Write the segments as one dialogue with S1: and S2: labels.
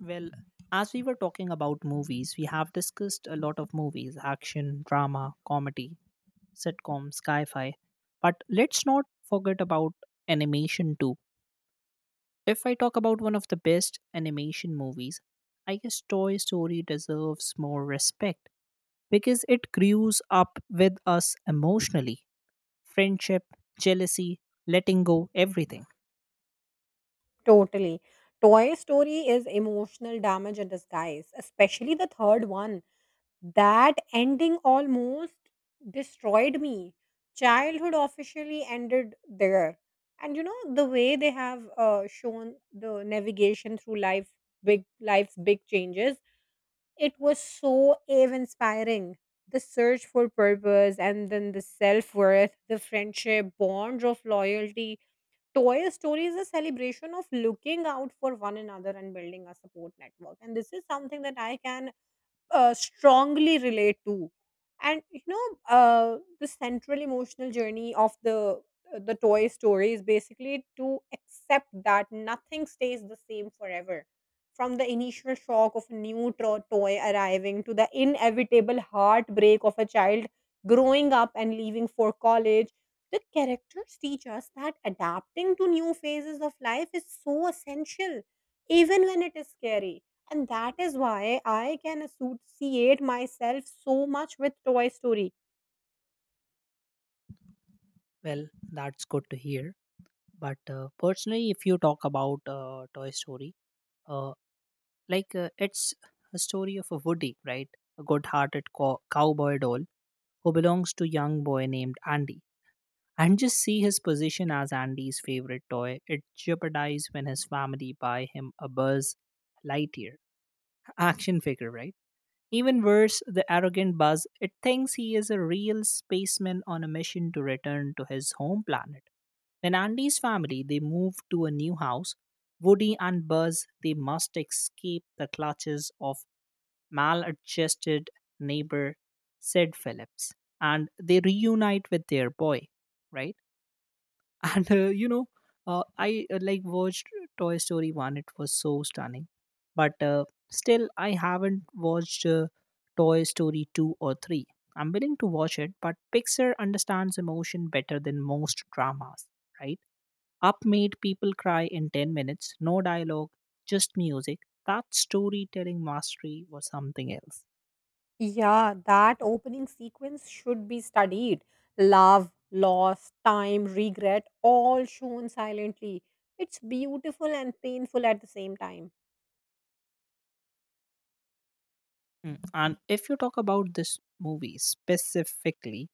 S1: Well, as we were talking about movies, we have discussed a lot of movies action, drama, comedy, sitcoms, sci fi. But let's not forget about animation too. If I talk about one of the best animation movies, I guess Toy Story deserves more respect because it grews up with us emotionally friendship, jealousy, letting go, everything.
S2: Totally. Toy Story is emotional damage in disguise, especially the third one. That ending almost destroyed me. Childhood officially ended there. And you know, the way they have shown the navigation through life, big life's big changes, it was so awe inspiring. The search for purpose and then the self worth, the friendship, bonds of loyalty. Toy story is a celebration of looking out for one another and building a support network. And this is something that I can strongly relate to. And you know, the central emotional journey of the toy story is basically to accept that nothing stays the same forever, from the initial shock of a new toy arriving to the inevitable heartbreak of a child growing up and leaving for college. The characters teach us that adapting to new phases of life is so essential, even when it is scary, and that is why I can associate myself so much with Toy Story.
S1: Well, that's good to hear. But personally, if you talk about Toy Story, uh, it's a story of a Woody, right? A good-hearted cowboy doll who belongs to a young boy named Andy. And just see his position as Andy's favorite toy. It jeopardized when his family buy him a Buzz Lightyear action figure, right? Even worse, the arrogant Buzz, it thinks he is a real spaceman on a mission to return to his home planet. When Andy's family, they move to a new house, Woody and Buzz, they must escape the clutches of maladjusted neighbor, said Phillips. And they reunite with their boy, right? And, I like watched Toy Story 1, it was so stunning. But still, I haven't watched Toy Story 2 or 3. I'm willing to watch it, but Pixar understands emotion better than most dramas, right? Up made people cry in 10 minutes, no dialogue, just music. That storytelling mastery was something else.
S2: Yeah, that opening sequence should be studied. Love, loss, time, regret, all shown silently. It's beautiful and painful at the same time.
S1: Mm, and if you talk about this movie specifically,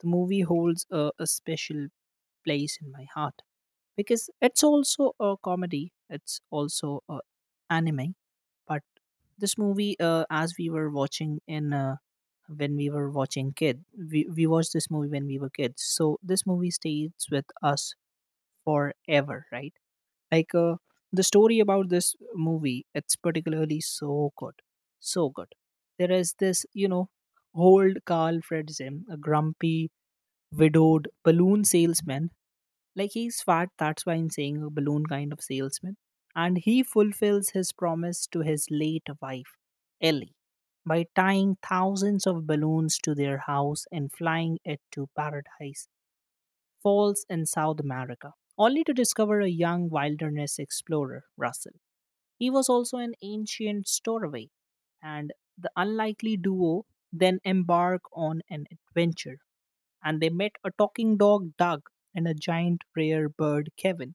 S1: the movie holds a special place in my heart because it's also a comedy, it's also a anime. But this movie, as we were watching in when we were watching kid, we watched this movie when we were kids. So this movie stays with us forever, right? Like uh, the story about this movie, it's particularly so good, so good. There is this, you know, old Carl Fredzim, a grumpy, widowed balloon salesman. Like he's fat, that's why I'm saying a balloon kind of salesman. And he fulfills his promise to his late wife, Ellie, by tying thousands of balloons to their house and flying it to paradise. Falls in South America, only to discover a young wilderness explorer, Russell. He was also an ancient stowaway, and the unlikely duo then embark on an adventure. And they met a talking dog, Doug, and a giant rare bird, Kevin.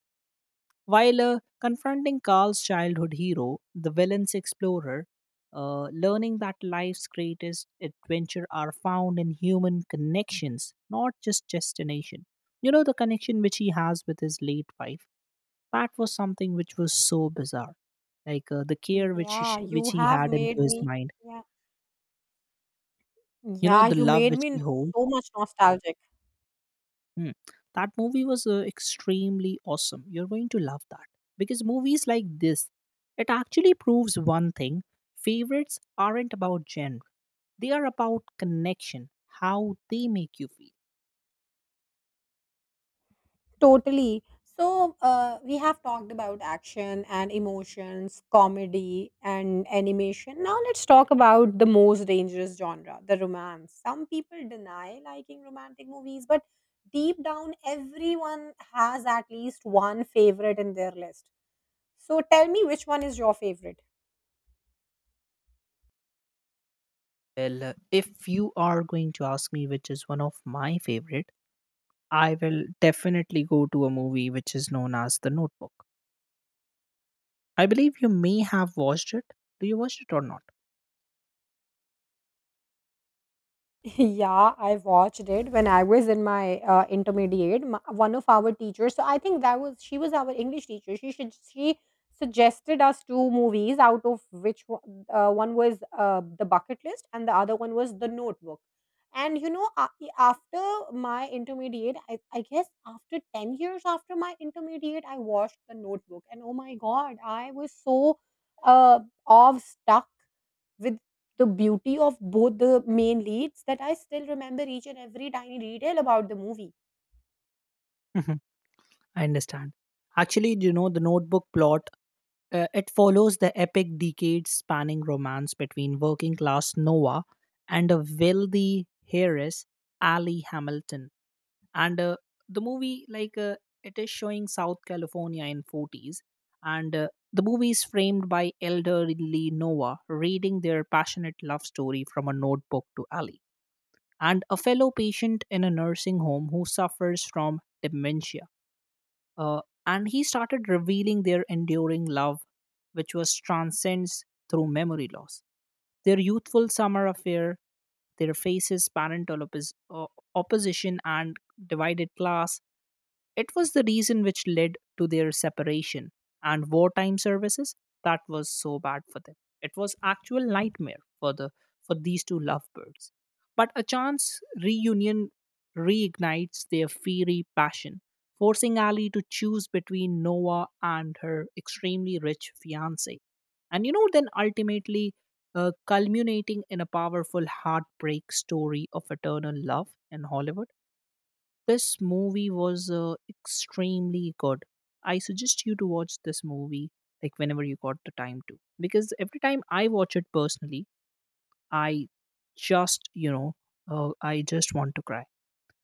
S1: While confronting Carl's childhood hero, the villain's explorer, learning that life's greatest adventure are found in human connections, not just destination. You know, the connection which he has with his late wife, that was something which was so bizarre. Like the care which
S2: Yeah,
S1: which
S2: you
S1: he
S2: have
S1: had into
S2: made
S1: his
S2: me.
S1: mind,
S2: Yeah,
S1: you know,
S2: yeah,
S1: the
S2: you
S1: love
S2: made
S1: which
S2: me
S1: he holds.
S2: so much nostalgic.
S1: Hmm. That movie was extremely awesome. You're going to love that because movies like this, it actually proves one thing: favorites aren't about genre; they are about connection, how they make you feel.
S2: Totally. So, we have talked about action and emotions, comedy and animation. Now, let's talk about the most dangerous genre, the romance. Some people deny liking romantic movies, but deep down, everyone has at least one favorite in their list. So, tell me which one is your favorite?
S1: Well, if you are going to ask me which is one of my favorite, I will definitely go to a movie which is known as The Notebook. I believe you may have watched it. Do you watch it or not?
S2: Yeah, I watched it when I was in my intermediate. One of our teachers, so I think that was she was our English teacher. She suggested us two movies, out of which one was the Bucket List and the other one was the Notebook. And you know, after my intermediate, I guess after 10 years after my intermediate, I watched the Notebook, and oh my God, I was so uh, awe stuck with the beauty of both the main leads that I still remember each and every tiny detail about the movie.
S1: Mhm, I understand. Actually, you know the notebook plot. It follows the epic decades spanning romance between working class Noah and a wealthy heiress, Ali Hamilton. And the movie, it is showing South California in 40s. And the movie is framed by elderly Noah reading their passionate love story from a notebook to Ali and a fellow patient in a nursing home who suffers from dementia and he started revealing their enduring love, which was transcends through memory loss. Their youthful summer affair, their faces, opposition, and divided class it was the reason which led to their separation and wartime services that was so bad for them. It was actual nightmare for the for these two lovebirds. But a chance reunion reignites their fiery passion, forcing Ali to choose between Noah and her extremely rich fiance. And you know, then ultimately culminating in a powerful heartbreak story of eternal love in Hollywood. This movie was extremely good. I suggest you to watch this movie like whenever you got the time to, because every time I watch it personally, I just I just want to cry.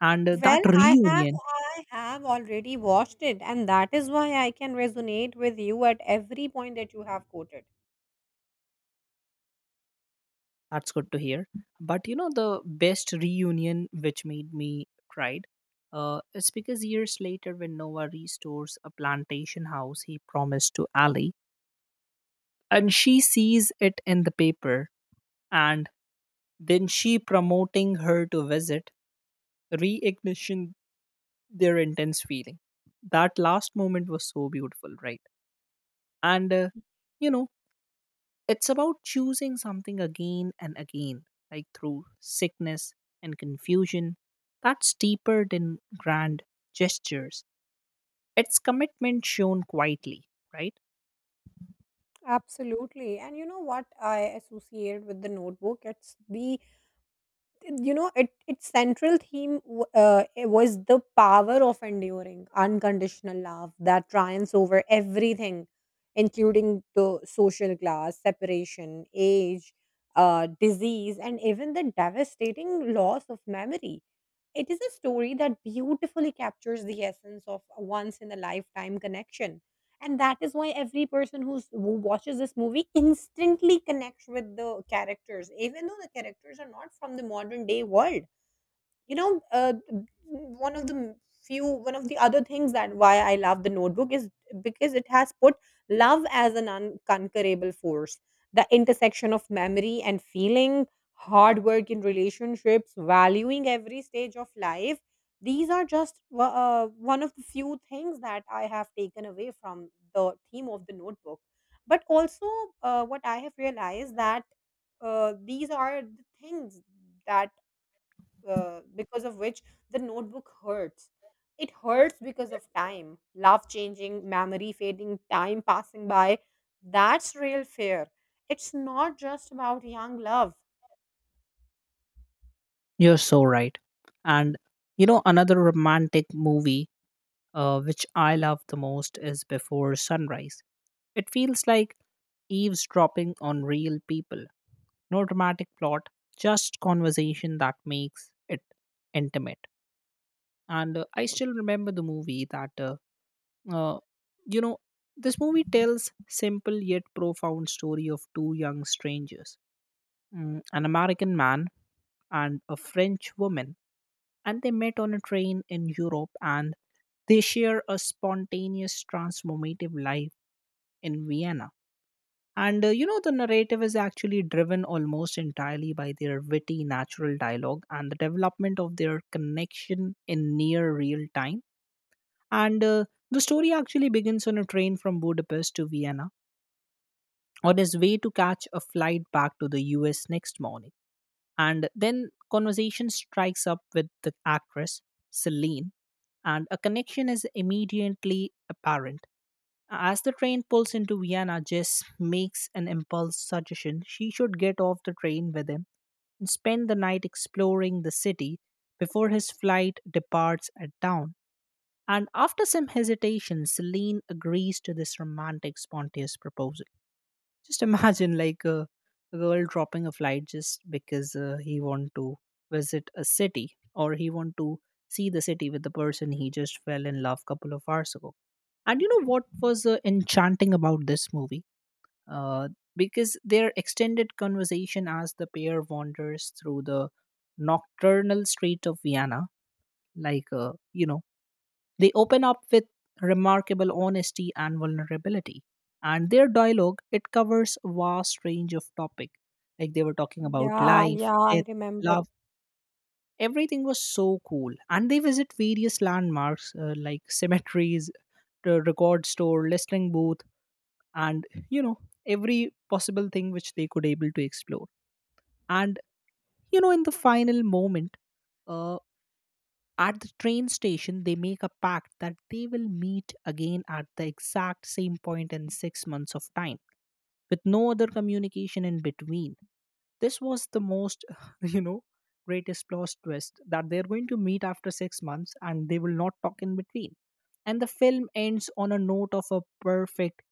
S1: And that
S2: Well,
S1: reunion,
S2: I have already watched it, and that is why I can resonate with you at every point that you have quoted.
S1: that's good to hear. But you know the best reunion which made me cried. It's because years later, when Noah restores a plantation house he promised to Ali, and she sees it in the paper and then she promoting her to visit, reignition their intense feeling. That last moment was so beautiful, right? And you know, it's about choosing something again and again, like through sickness and confusion. That's deeper than grand gestures. It's commitment shown quietly, right?
S2: Absolutely. And you know what I associate with the notebook? It's you know, its central theme it was the power of enduring unconditional love that triumphs over everything, including the social class, separation, age, disease, and even the devastating loss of memory. It is a story that beautifully captures the essence of a once in a lifetime connection, and that is why every person who watches this movie instantly connects with the characters, even though the characters are not from the modern day world. You know, one of the one of the other things that why I love the notebook is because it has put love as an unconquerable force, the intersection of memory and feeling, hard work in relationships, valuing every stage of life. These are just one of the few things that I have taken away from the theme of the notebook. But also, what I have realized that these are the things that because of which the notebook hurts. It hurts because of time, love changing, memory fading, time passing by. That's real fear. It's not just about young love.
S1: You're so right. And you know, another romantic movie which I love the most is Before Sunrise. It feels like eavesdropping on real people. No dramatic plot, just conversation that makes it intimate. And I still remember the movie that, uh, you know, this movie tells simple yet profound story of two young strangers, mm, an American man and a French woman, and they met on a train in Europe and they share a spontaneous transformative life in Vienna. And you know, the narrative is actually driven almost entirely by their witty, natural dialogue and the development of their connection in near real time. And the story actually begins on a train from Budapest to Vienna on his way to catch a flight back to the US next morning. And then conversation strikes up with the actress, Celine, and a connection is immediately apparent as the train pulls into Vienna, Jess makes an impulse suggestion she should get off the train with him and spend the night exploring the city before his flight departs at dawn. And after some hesitation, Celine agrees to this romantic, spontaneous proposal. Just imagine, like a, girl dropping a flight just because he want to visit a city or he want to see the city with the person he just fell in love couple of hours ago. And you know what was enchanting about this movie? Uh, because their extended conversation as the pair wanders through the nocturnal street of Vienna, you know, they open up with remarkable honesty and vulnerability. And their dialogue, it covers a vast range of topic. Like they were talking about
S2: Yeah,
S1: life,
S2: yeah, I
S1: death,
S2: remember.
S1: love. Everything was so cool. And they visit various landmarks like cemeteries, the record store, listening booth, and you know every possible thing which they could able to explore and you know in the final moment uh, at the train station they make a pact that they will meet again at the exact same point in 6 months of time with no other communication in between. This was the most you know greatest plot twist that they're going to meet after 6 months and they will not talk in between. And the film ends on a note of a perfect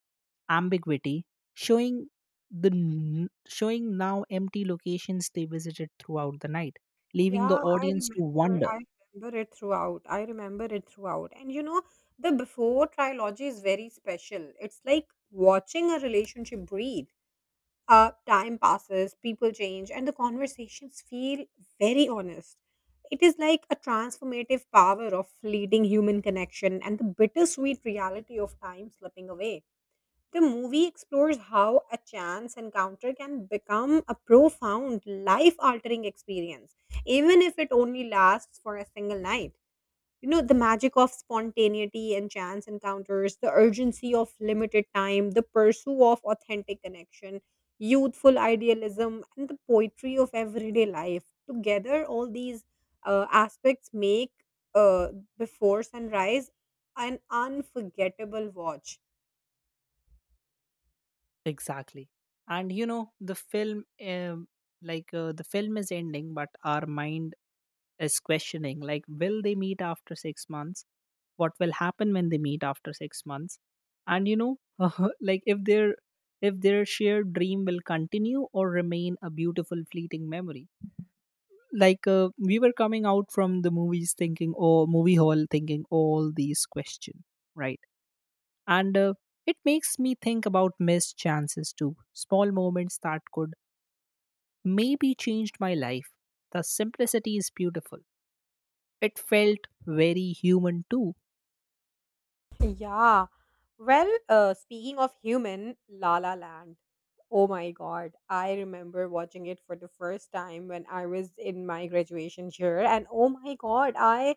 S1: ambiguity, showing showing now empty locations they visited throughout the night, leaving the
S2: Yeah, I
S1: audience
S2: remember.
S1: to wonder.
S2: I I remember it throughout. And you know, the before trilogy is very special. It's like watching a relationship breathe. Time passes, people change, and the conversations feel very honest. It is like a transformative power of fleeting human connection and the bittersweet reality of time slipping away. The movie explores how a chance encounter can become a profound, life altering experience, even if it only lasts for a single night. You know, the magic of spontaneity and chance encounters, the urgency of limited time, the pursuit of authentic connection, youthful idealism, and the poetry of everyday life together, all these aspects make uh, before sunrise an unforgettable watch.
S1: Exactly. And you know, the film, the film is ending, but our mind is questioning, like, will they meet after 6 months? What will happen when they meet after 6 months? And you know, like if their shared dream will continue or remain a beautiful fleeting memory. We were coming out from the movies thinking or movie hall thinking all these questions, right? And it makes me think about missed chances too small moments that could maybe changed my life. The simplicity is beautiful, it felt very human too.
S2: Yeah. Well, speaking of human, La La Land. Oh my God. I remember watching it for the first time when I was in my graduation year. And oh my God, I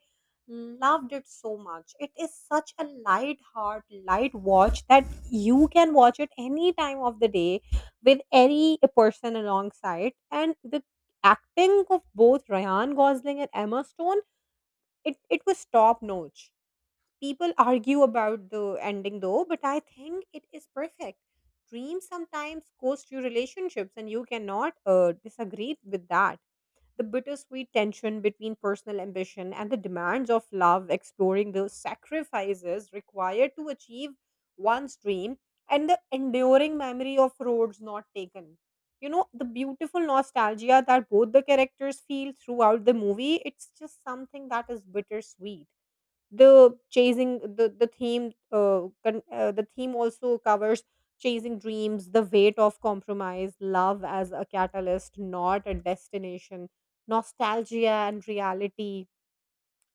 S2: loved it so much. It is such a light heart, light watch that you can watch it any time of the day with any person alongside. And the acting of both Ryan Gosling and Emma Stone, it was top notch. People argue about the ending though, but I think it is perfect. Dreams sometimes cost you relationships, and you cannot disagree with that. The bittersweet tension between personal ambition and the demands of love, exploring the sacrifices required to achieve one's dream, and the enduring memory of roads not taken. You know, the beautiful nostalgia that both the characters feel throughout the movie, it's just something that is bittersweet. The theme also covers chasing dreams, the weight of compromise, love as a catalyst not a destination, nostalgia and reality.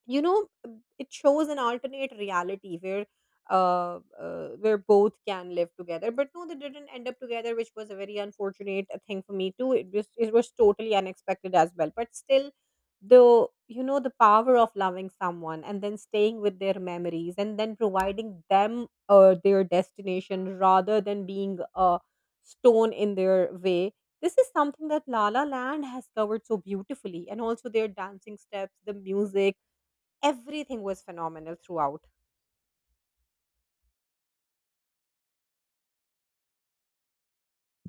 S2: You know, it shows an alternate reality where both can live together, but no, they didn't end up together, which was a very unfortunate thing for me. Too it was It was totally unexpected as well, but still the, you know, the power of loving someone and then staying with their memories and then providing them their destination rather than being a stone in their way. This is something that la la land has covered so beautifully, and also their dancing steps, the music. Everything was phenomenal throughout.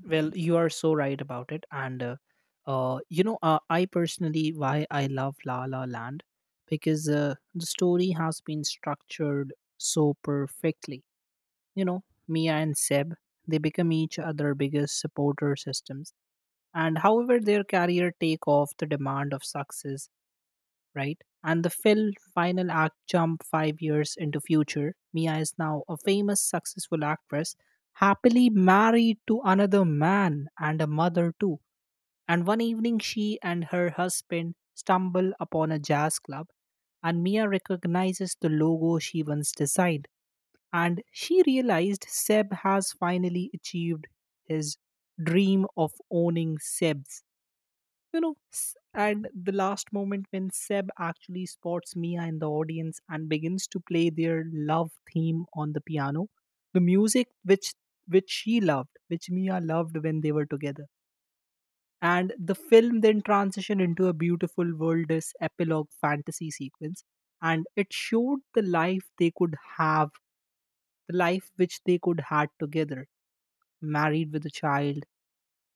S1: Well, you are so right about it and you know I personally why I love la la land because the story has been structured so perfectly, you know. Mia and Seb they become each other biggest supporter systems and however their career take off the demand of success, right? And the Phil final act jump 5 years into future. Mia is now a famous successful actress happily married to another man and a mother too. And one evening she and her husband stumble upon a jazz club and Mia recognizes the logo she once designed and she realized Seb has finally achieved his dream of owning Seb's. You know, and the last moment when Seb actually spots Mia in the audience and begins to play their love theme on the piano, the music which she loved, which Mia loved when they were together. And the film then transitioned into a beautiful worldless epilogue fantasy sequence and it showed the life they could have the life which they could had together, married with a child,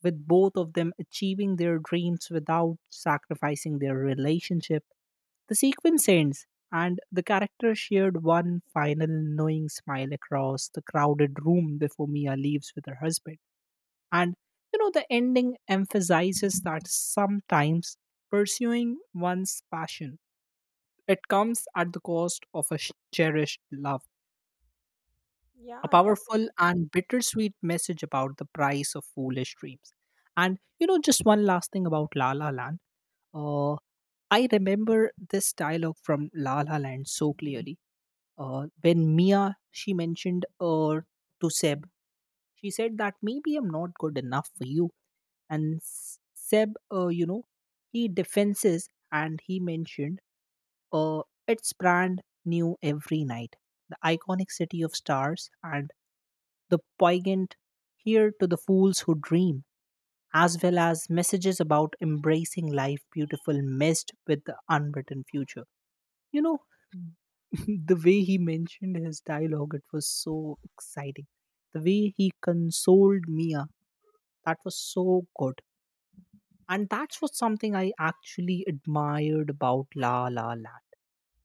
S1: with both of them achieving their dreams without sacrificing their relationship. The sequence ends, and the character shared one final knowing smile across the crowded room before Mia leaves with her husband. And the ending emphasizes that sometimes pursuing one's passion it comes at the cost of a cherished love, a
S2: Yeah, definitely.
S1: powerful and bittersweet message about the price of foolish dreams. Just one last thing about La La Land. Uh, I remember this dialogue from La La Land so clearly. When Mia she mentioned to Seb, she said that maybe I'm not good enough for you. And Seb, he defenses and he mentioned uh, it's brand new every night. The iconic city of stars and the poignant here to the fools who dream, as well as messages about embracing life beautiful messed with the unwritten future. You know, the way he mentioned his dialogue, it was so exciting. The way he consoled Mia, that was so good. And that was something I actually admired about La La Land.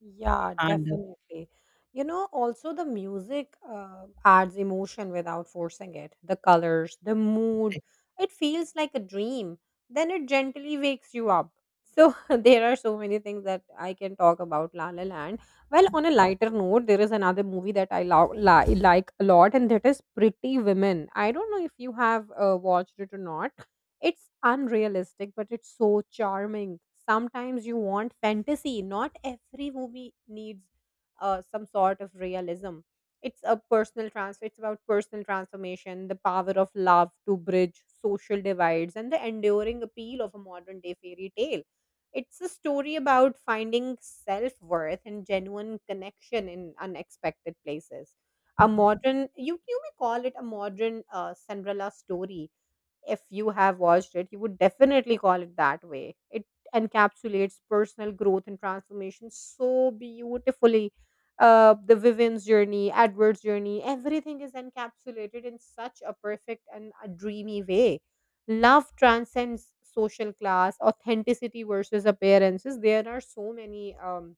S2: Yeah,
S1: And
S2: definitely. You know, also the music adds emotion without forcing it. The colors, the mood,
S1: uh,
S2: it feels like a dream. Then it gently wakes you up. So there are so many things that I can talk about La La Land. Well, on a lighter note, there is another movie that I like a lot, and that is Pretty Women. I don't know if you have watched it or not. It's unrealistic, but it's so charming. Sometimes you want fantasy. Not every movie needs some sort of realism. It's a personal transfer. It's about personal transformation, the power of love to bridge social divides, and the enduring appeal of a modern day fairy tale. It's a story about finding self worth and genuine connection in unexpected places. A modern, you may call it a modern Cinderella story. If you have watched it, you would definitely call it that way. It encapsulates personal growth and transformation so beautifully. The Vivian's journey, Edward's journey, everything is encapsulated in such a perfect and a dreamy way. Love transcends social class, authenticity versus appearances. There are so many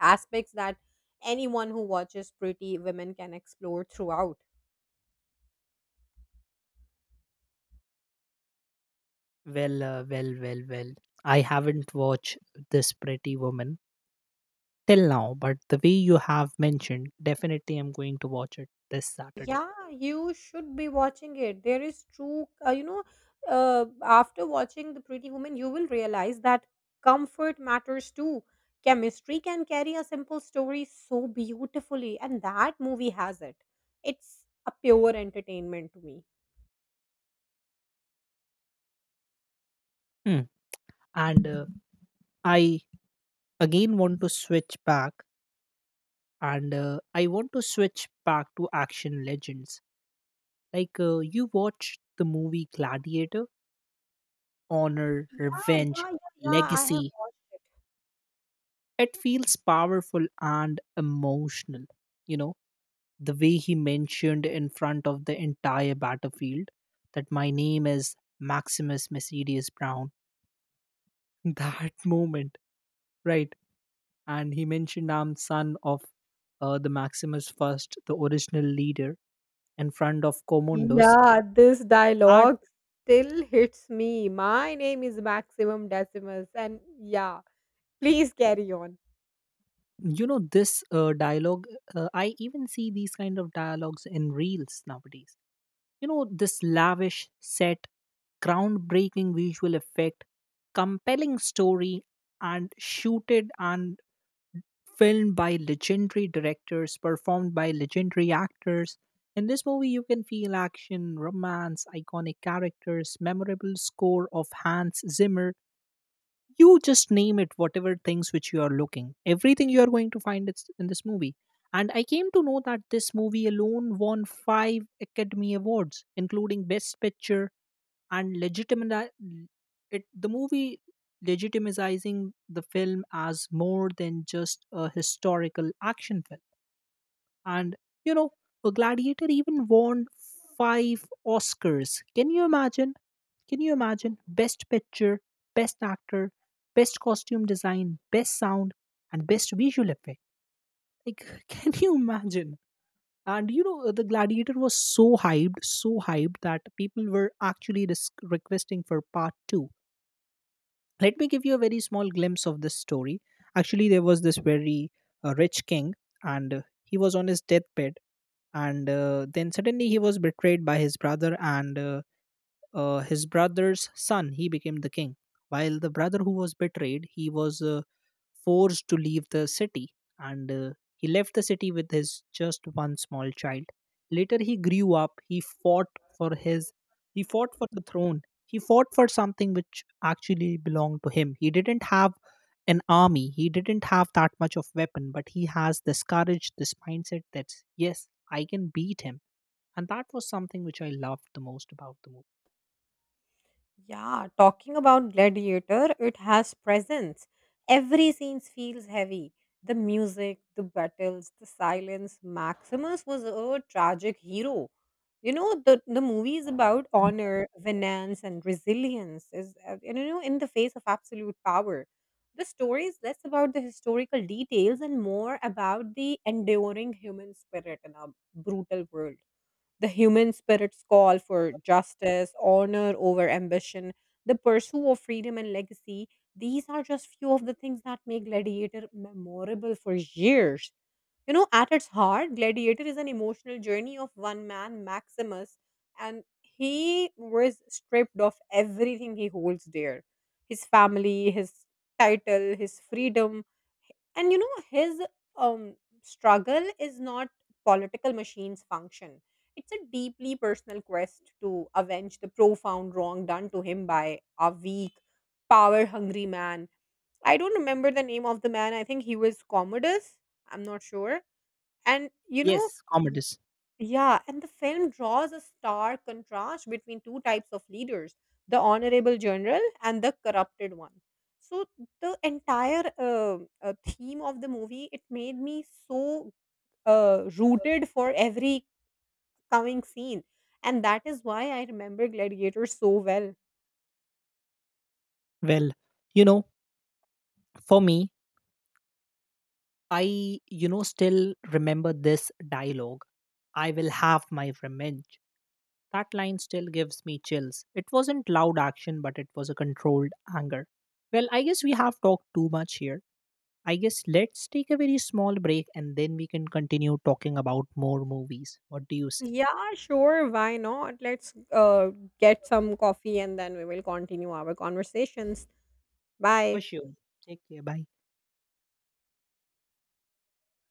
S2: aspects that anyone who watches Pretty Women can explore throughout.
S1: well, I haven't watched this Pretty Woman till now, but the way you have mentioned, definitely I'm going to watch it this Saturday.
S2: Yeah, you should be watching it. There is true, you know, after watching The Pretty Woman, you will realize that comfort matters too. Chemistry can carry a simple story so beautifully, and that movie has it. It's a pure entertainment to me.
S1: Hmm. And I again want to switch back, and I want to switch back to action legends. Like you watched the movie Gladiator, Honor,
S2: Yeah, yeah,
S1: Revenge,
S2: yeah, yeah. I have
S1: Legacy.
S2: watched.
S1: It feels powerful and emotional. You know the way he mentioned in front of the entire battlefield that my name is Maximus Mercedes Brown, that moment, right? And he mentioned I'm son of the Maximus first, the original leader, and friend of Commodus.
S2: Yeah, this
S1: That,
S2: dialogue still hits me. My name is Maximum Decimus, and yeah, please carry on.
S1: you know, this dialogue, I even see these kind of dialogues in reels nowadays. You know, this lavish set, groundbreaking visual effect, compelling story, and shooted and filmed by legendary directors, performed by legendary actors. In this movie, you can feel action, romance, iconic characters, memorable score of Hans Zimmer. You just name it, whatever things which you are looking. Everything you are going to find it's in this movie. And I came to know that this movie alone won five Academy Awards, including Best Picture, and legitimate it the movie legitimizing the film as more than just a historical action film. And you know, a gladiator even won five Oscars. Can you imagine? Can you imagine? Best picture, best actor, best costume design, best sound, and best visual effect. Like, can you imagine? And you know, the Gladiator was so hyped, so hyped, that people were actually requesting for part 2. Let me give you a very small glimpse of this story. Actually, there was this very rich king, and he was on his deathbed. And then suddenly he was betrayed by his brother. And his brother's son, he became the king, while the brother who was betrayed, he was forced to leave the city. And he left the city with his just one small child. Later he grew up, he fought for his, he fought for the throne, he fought for something which actually belonged to him. He didn't have an army, he didn't have that much of weapon, but he has this courage, this mindset, that yes, I can beat him. And that was something which I loved the most about the movie.
S2: Yeah, talking about Gladiator, it has presence. Every scene feels heavy. The music, the battles, the silence. Maximus was a tragic hero. You know, the movie is about honor, vengeance, and resilience. Is And, you know, in the face of absolute power. The story is less about the historical details and more about the enduring human spirit in a brutal world. The human spirit's call for justice, honor over ambition, the pursuit of freedom and legacy, these are just few of the things that make Gladiator memorable for years. You know, at its heart, Gladiator is an emotional journey of one man, Maximus, and he was stripped of everything he holds dear: his family, his title, his freedom. And you know, his um, struggle is not political machine's function. It's a deeply personal quest to avenge the profound wrong done to him by a weak, power hungry man. I don't remember the name of the man. I think he was Commodus. I'm not sure. And you know,
S1: Yes, Commodus.
S2: yeah, and the film draws a stark contrast between two types of leaders, the honorable general and the corrupted one. So, the entire theme of the movie, it made me so rooted for every coming scene. And that is why I remember Gladiator so well.
S1: Well, you know, for me, I, you know, still remember this dialogue, I will have my revenge. That line still gives me chills. It wasn't loud action, but it was a controlled anger. Well, I guess we have talked too much here. I guess let's take a very small break and then we can continue talking about more movies. What do you say?
S2: Yeah, sure. Why not? Let's get some coffee and then we will continue our conversations.
S1: For
S2: Bye.
S1: sure. Take care. Bye.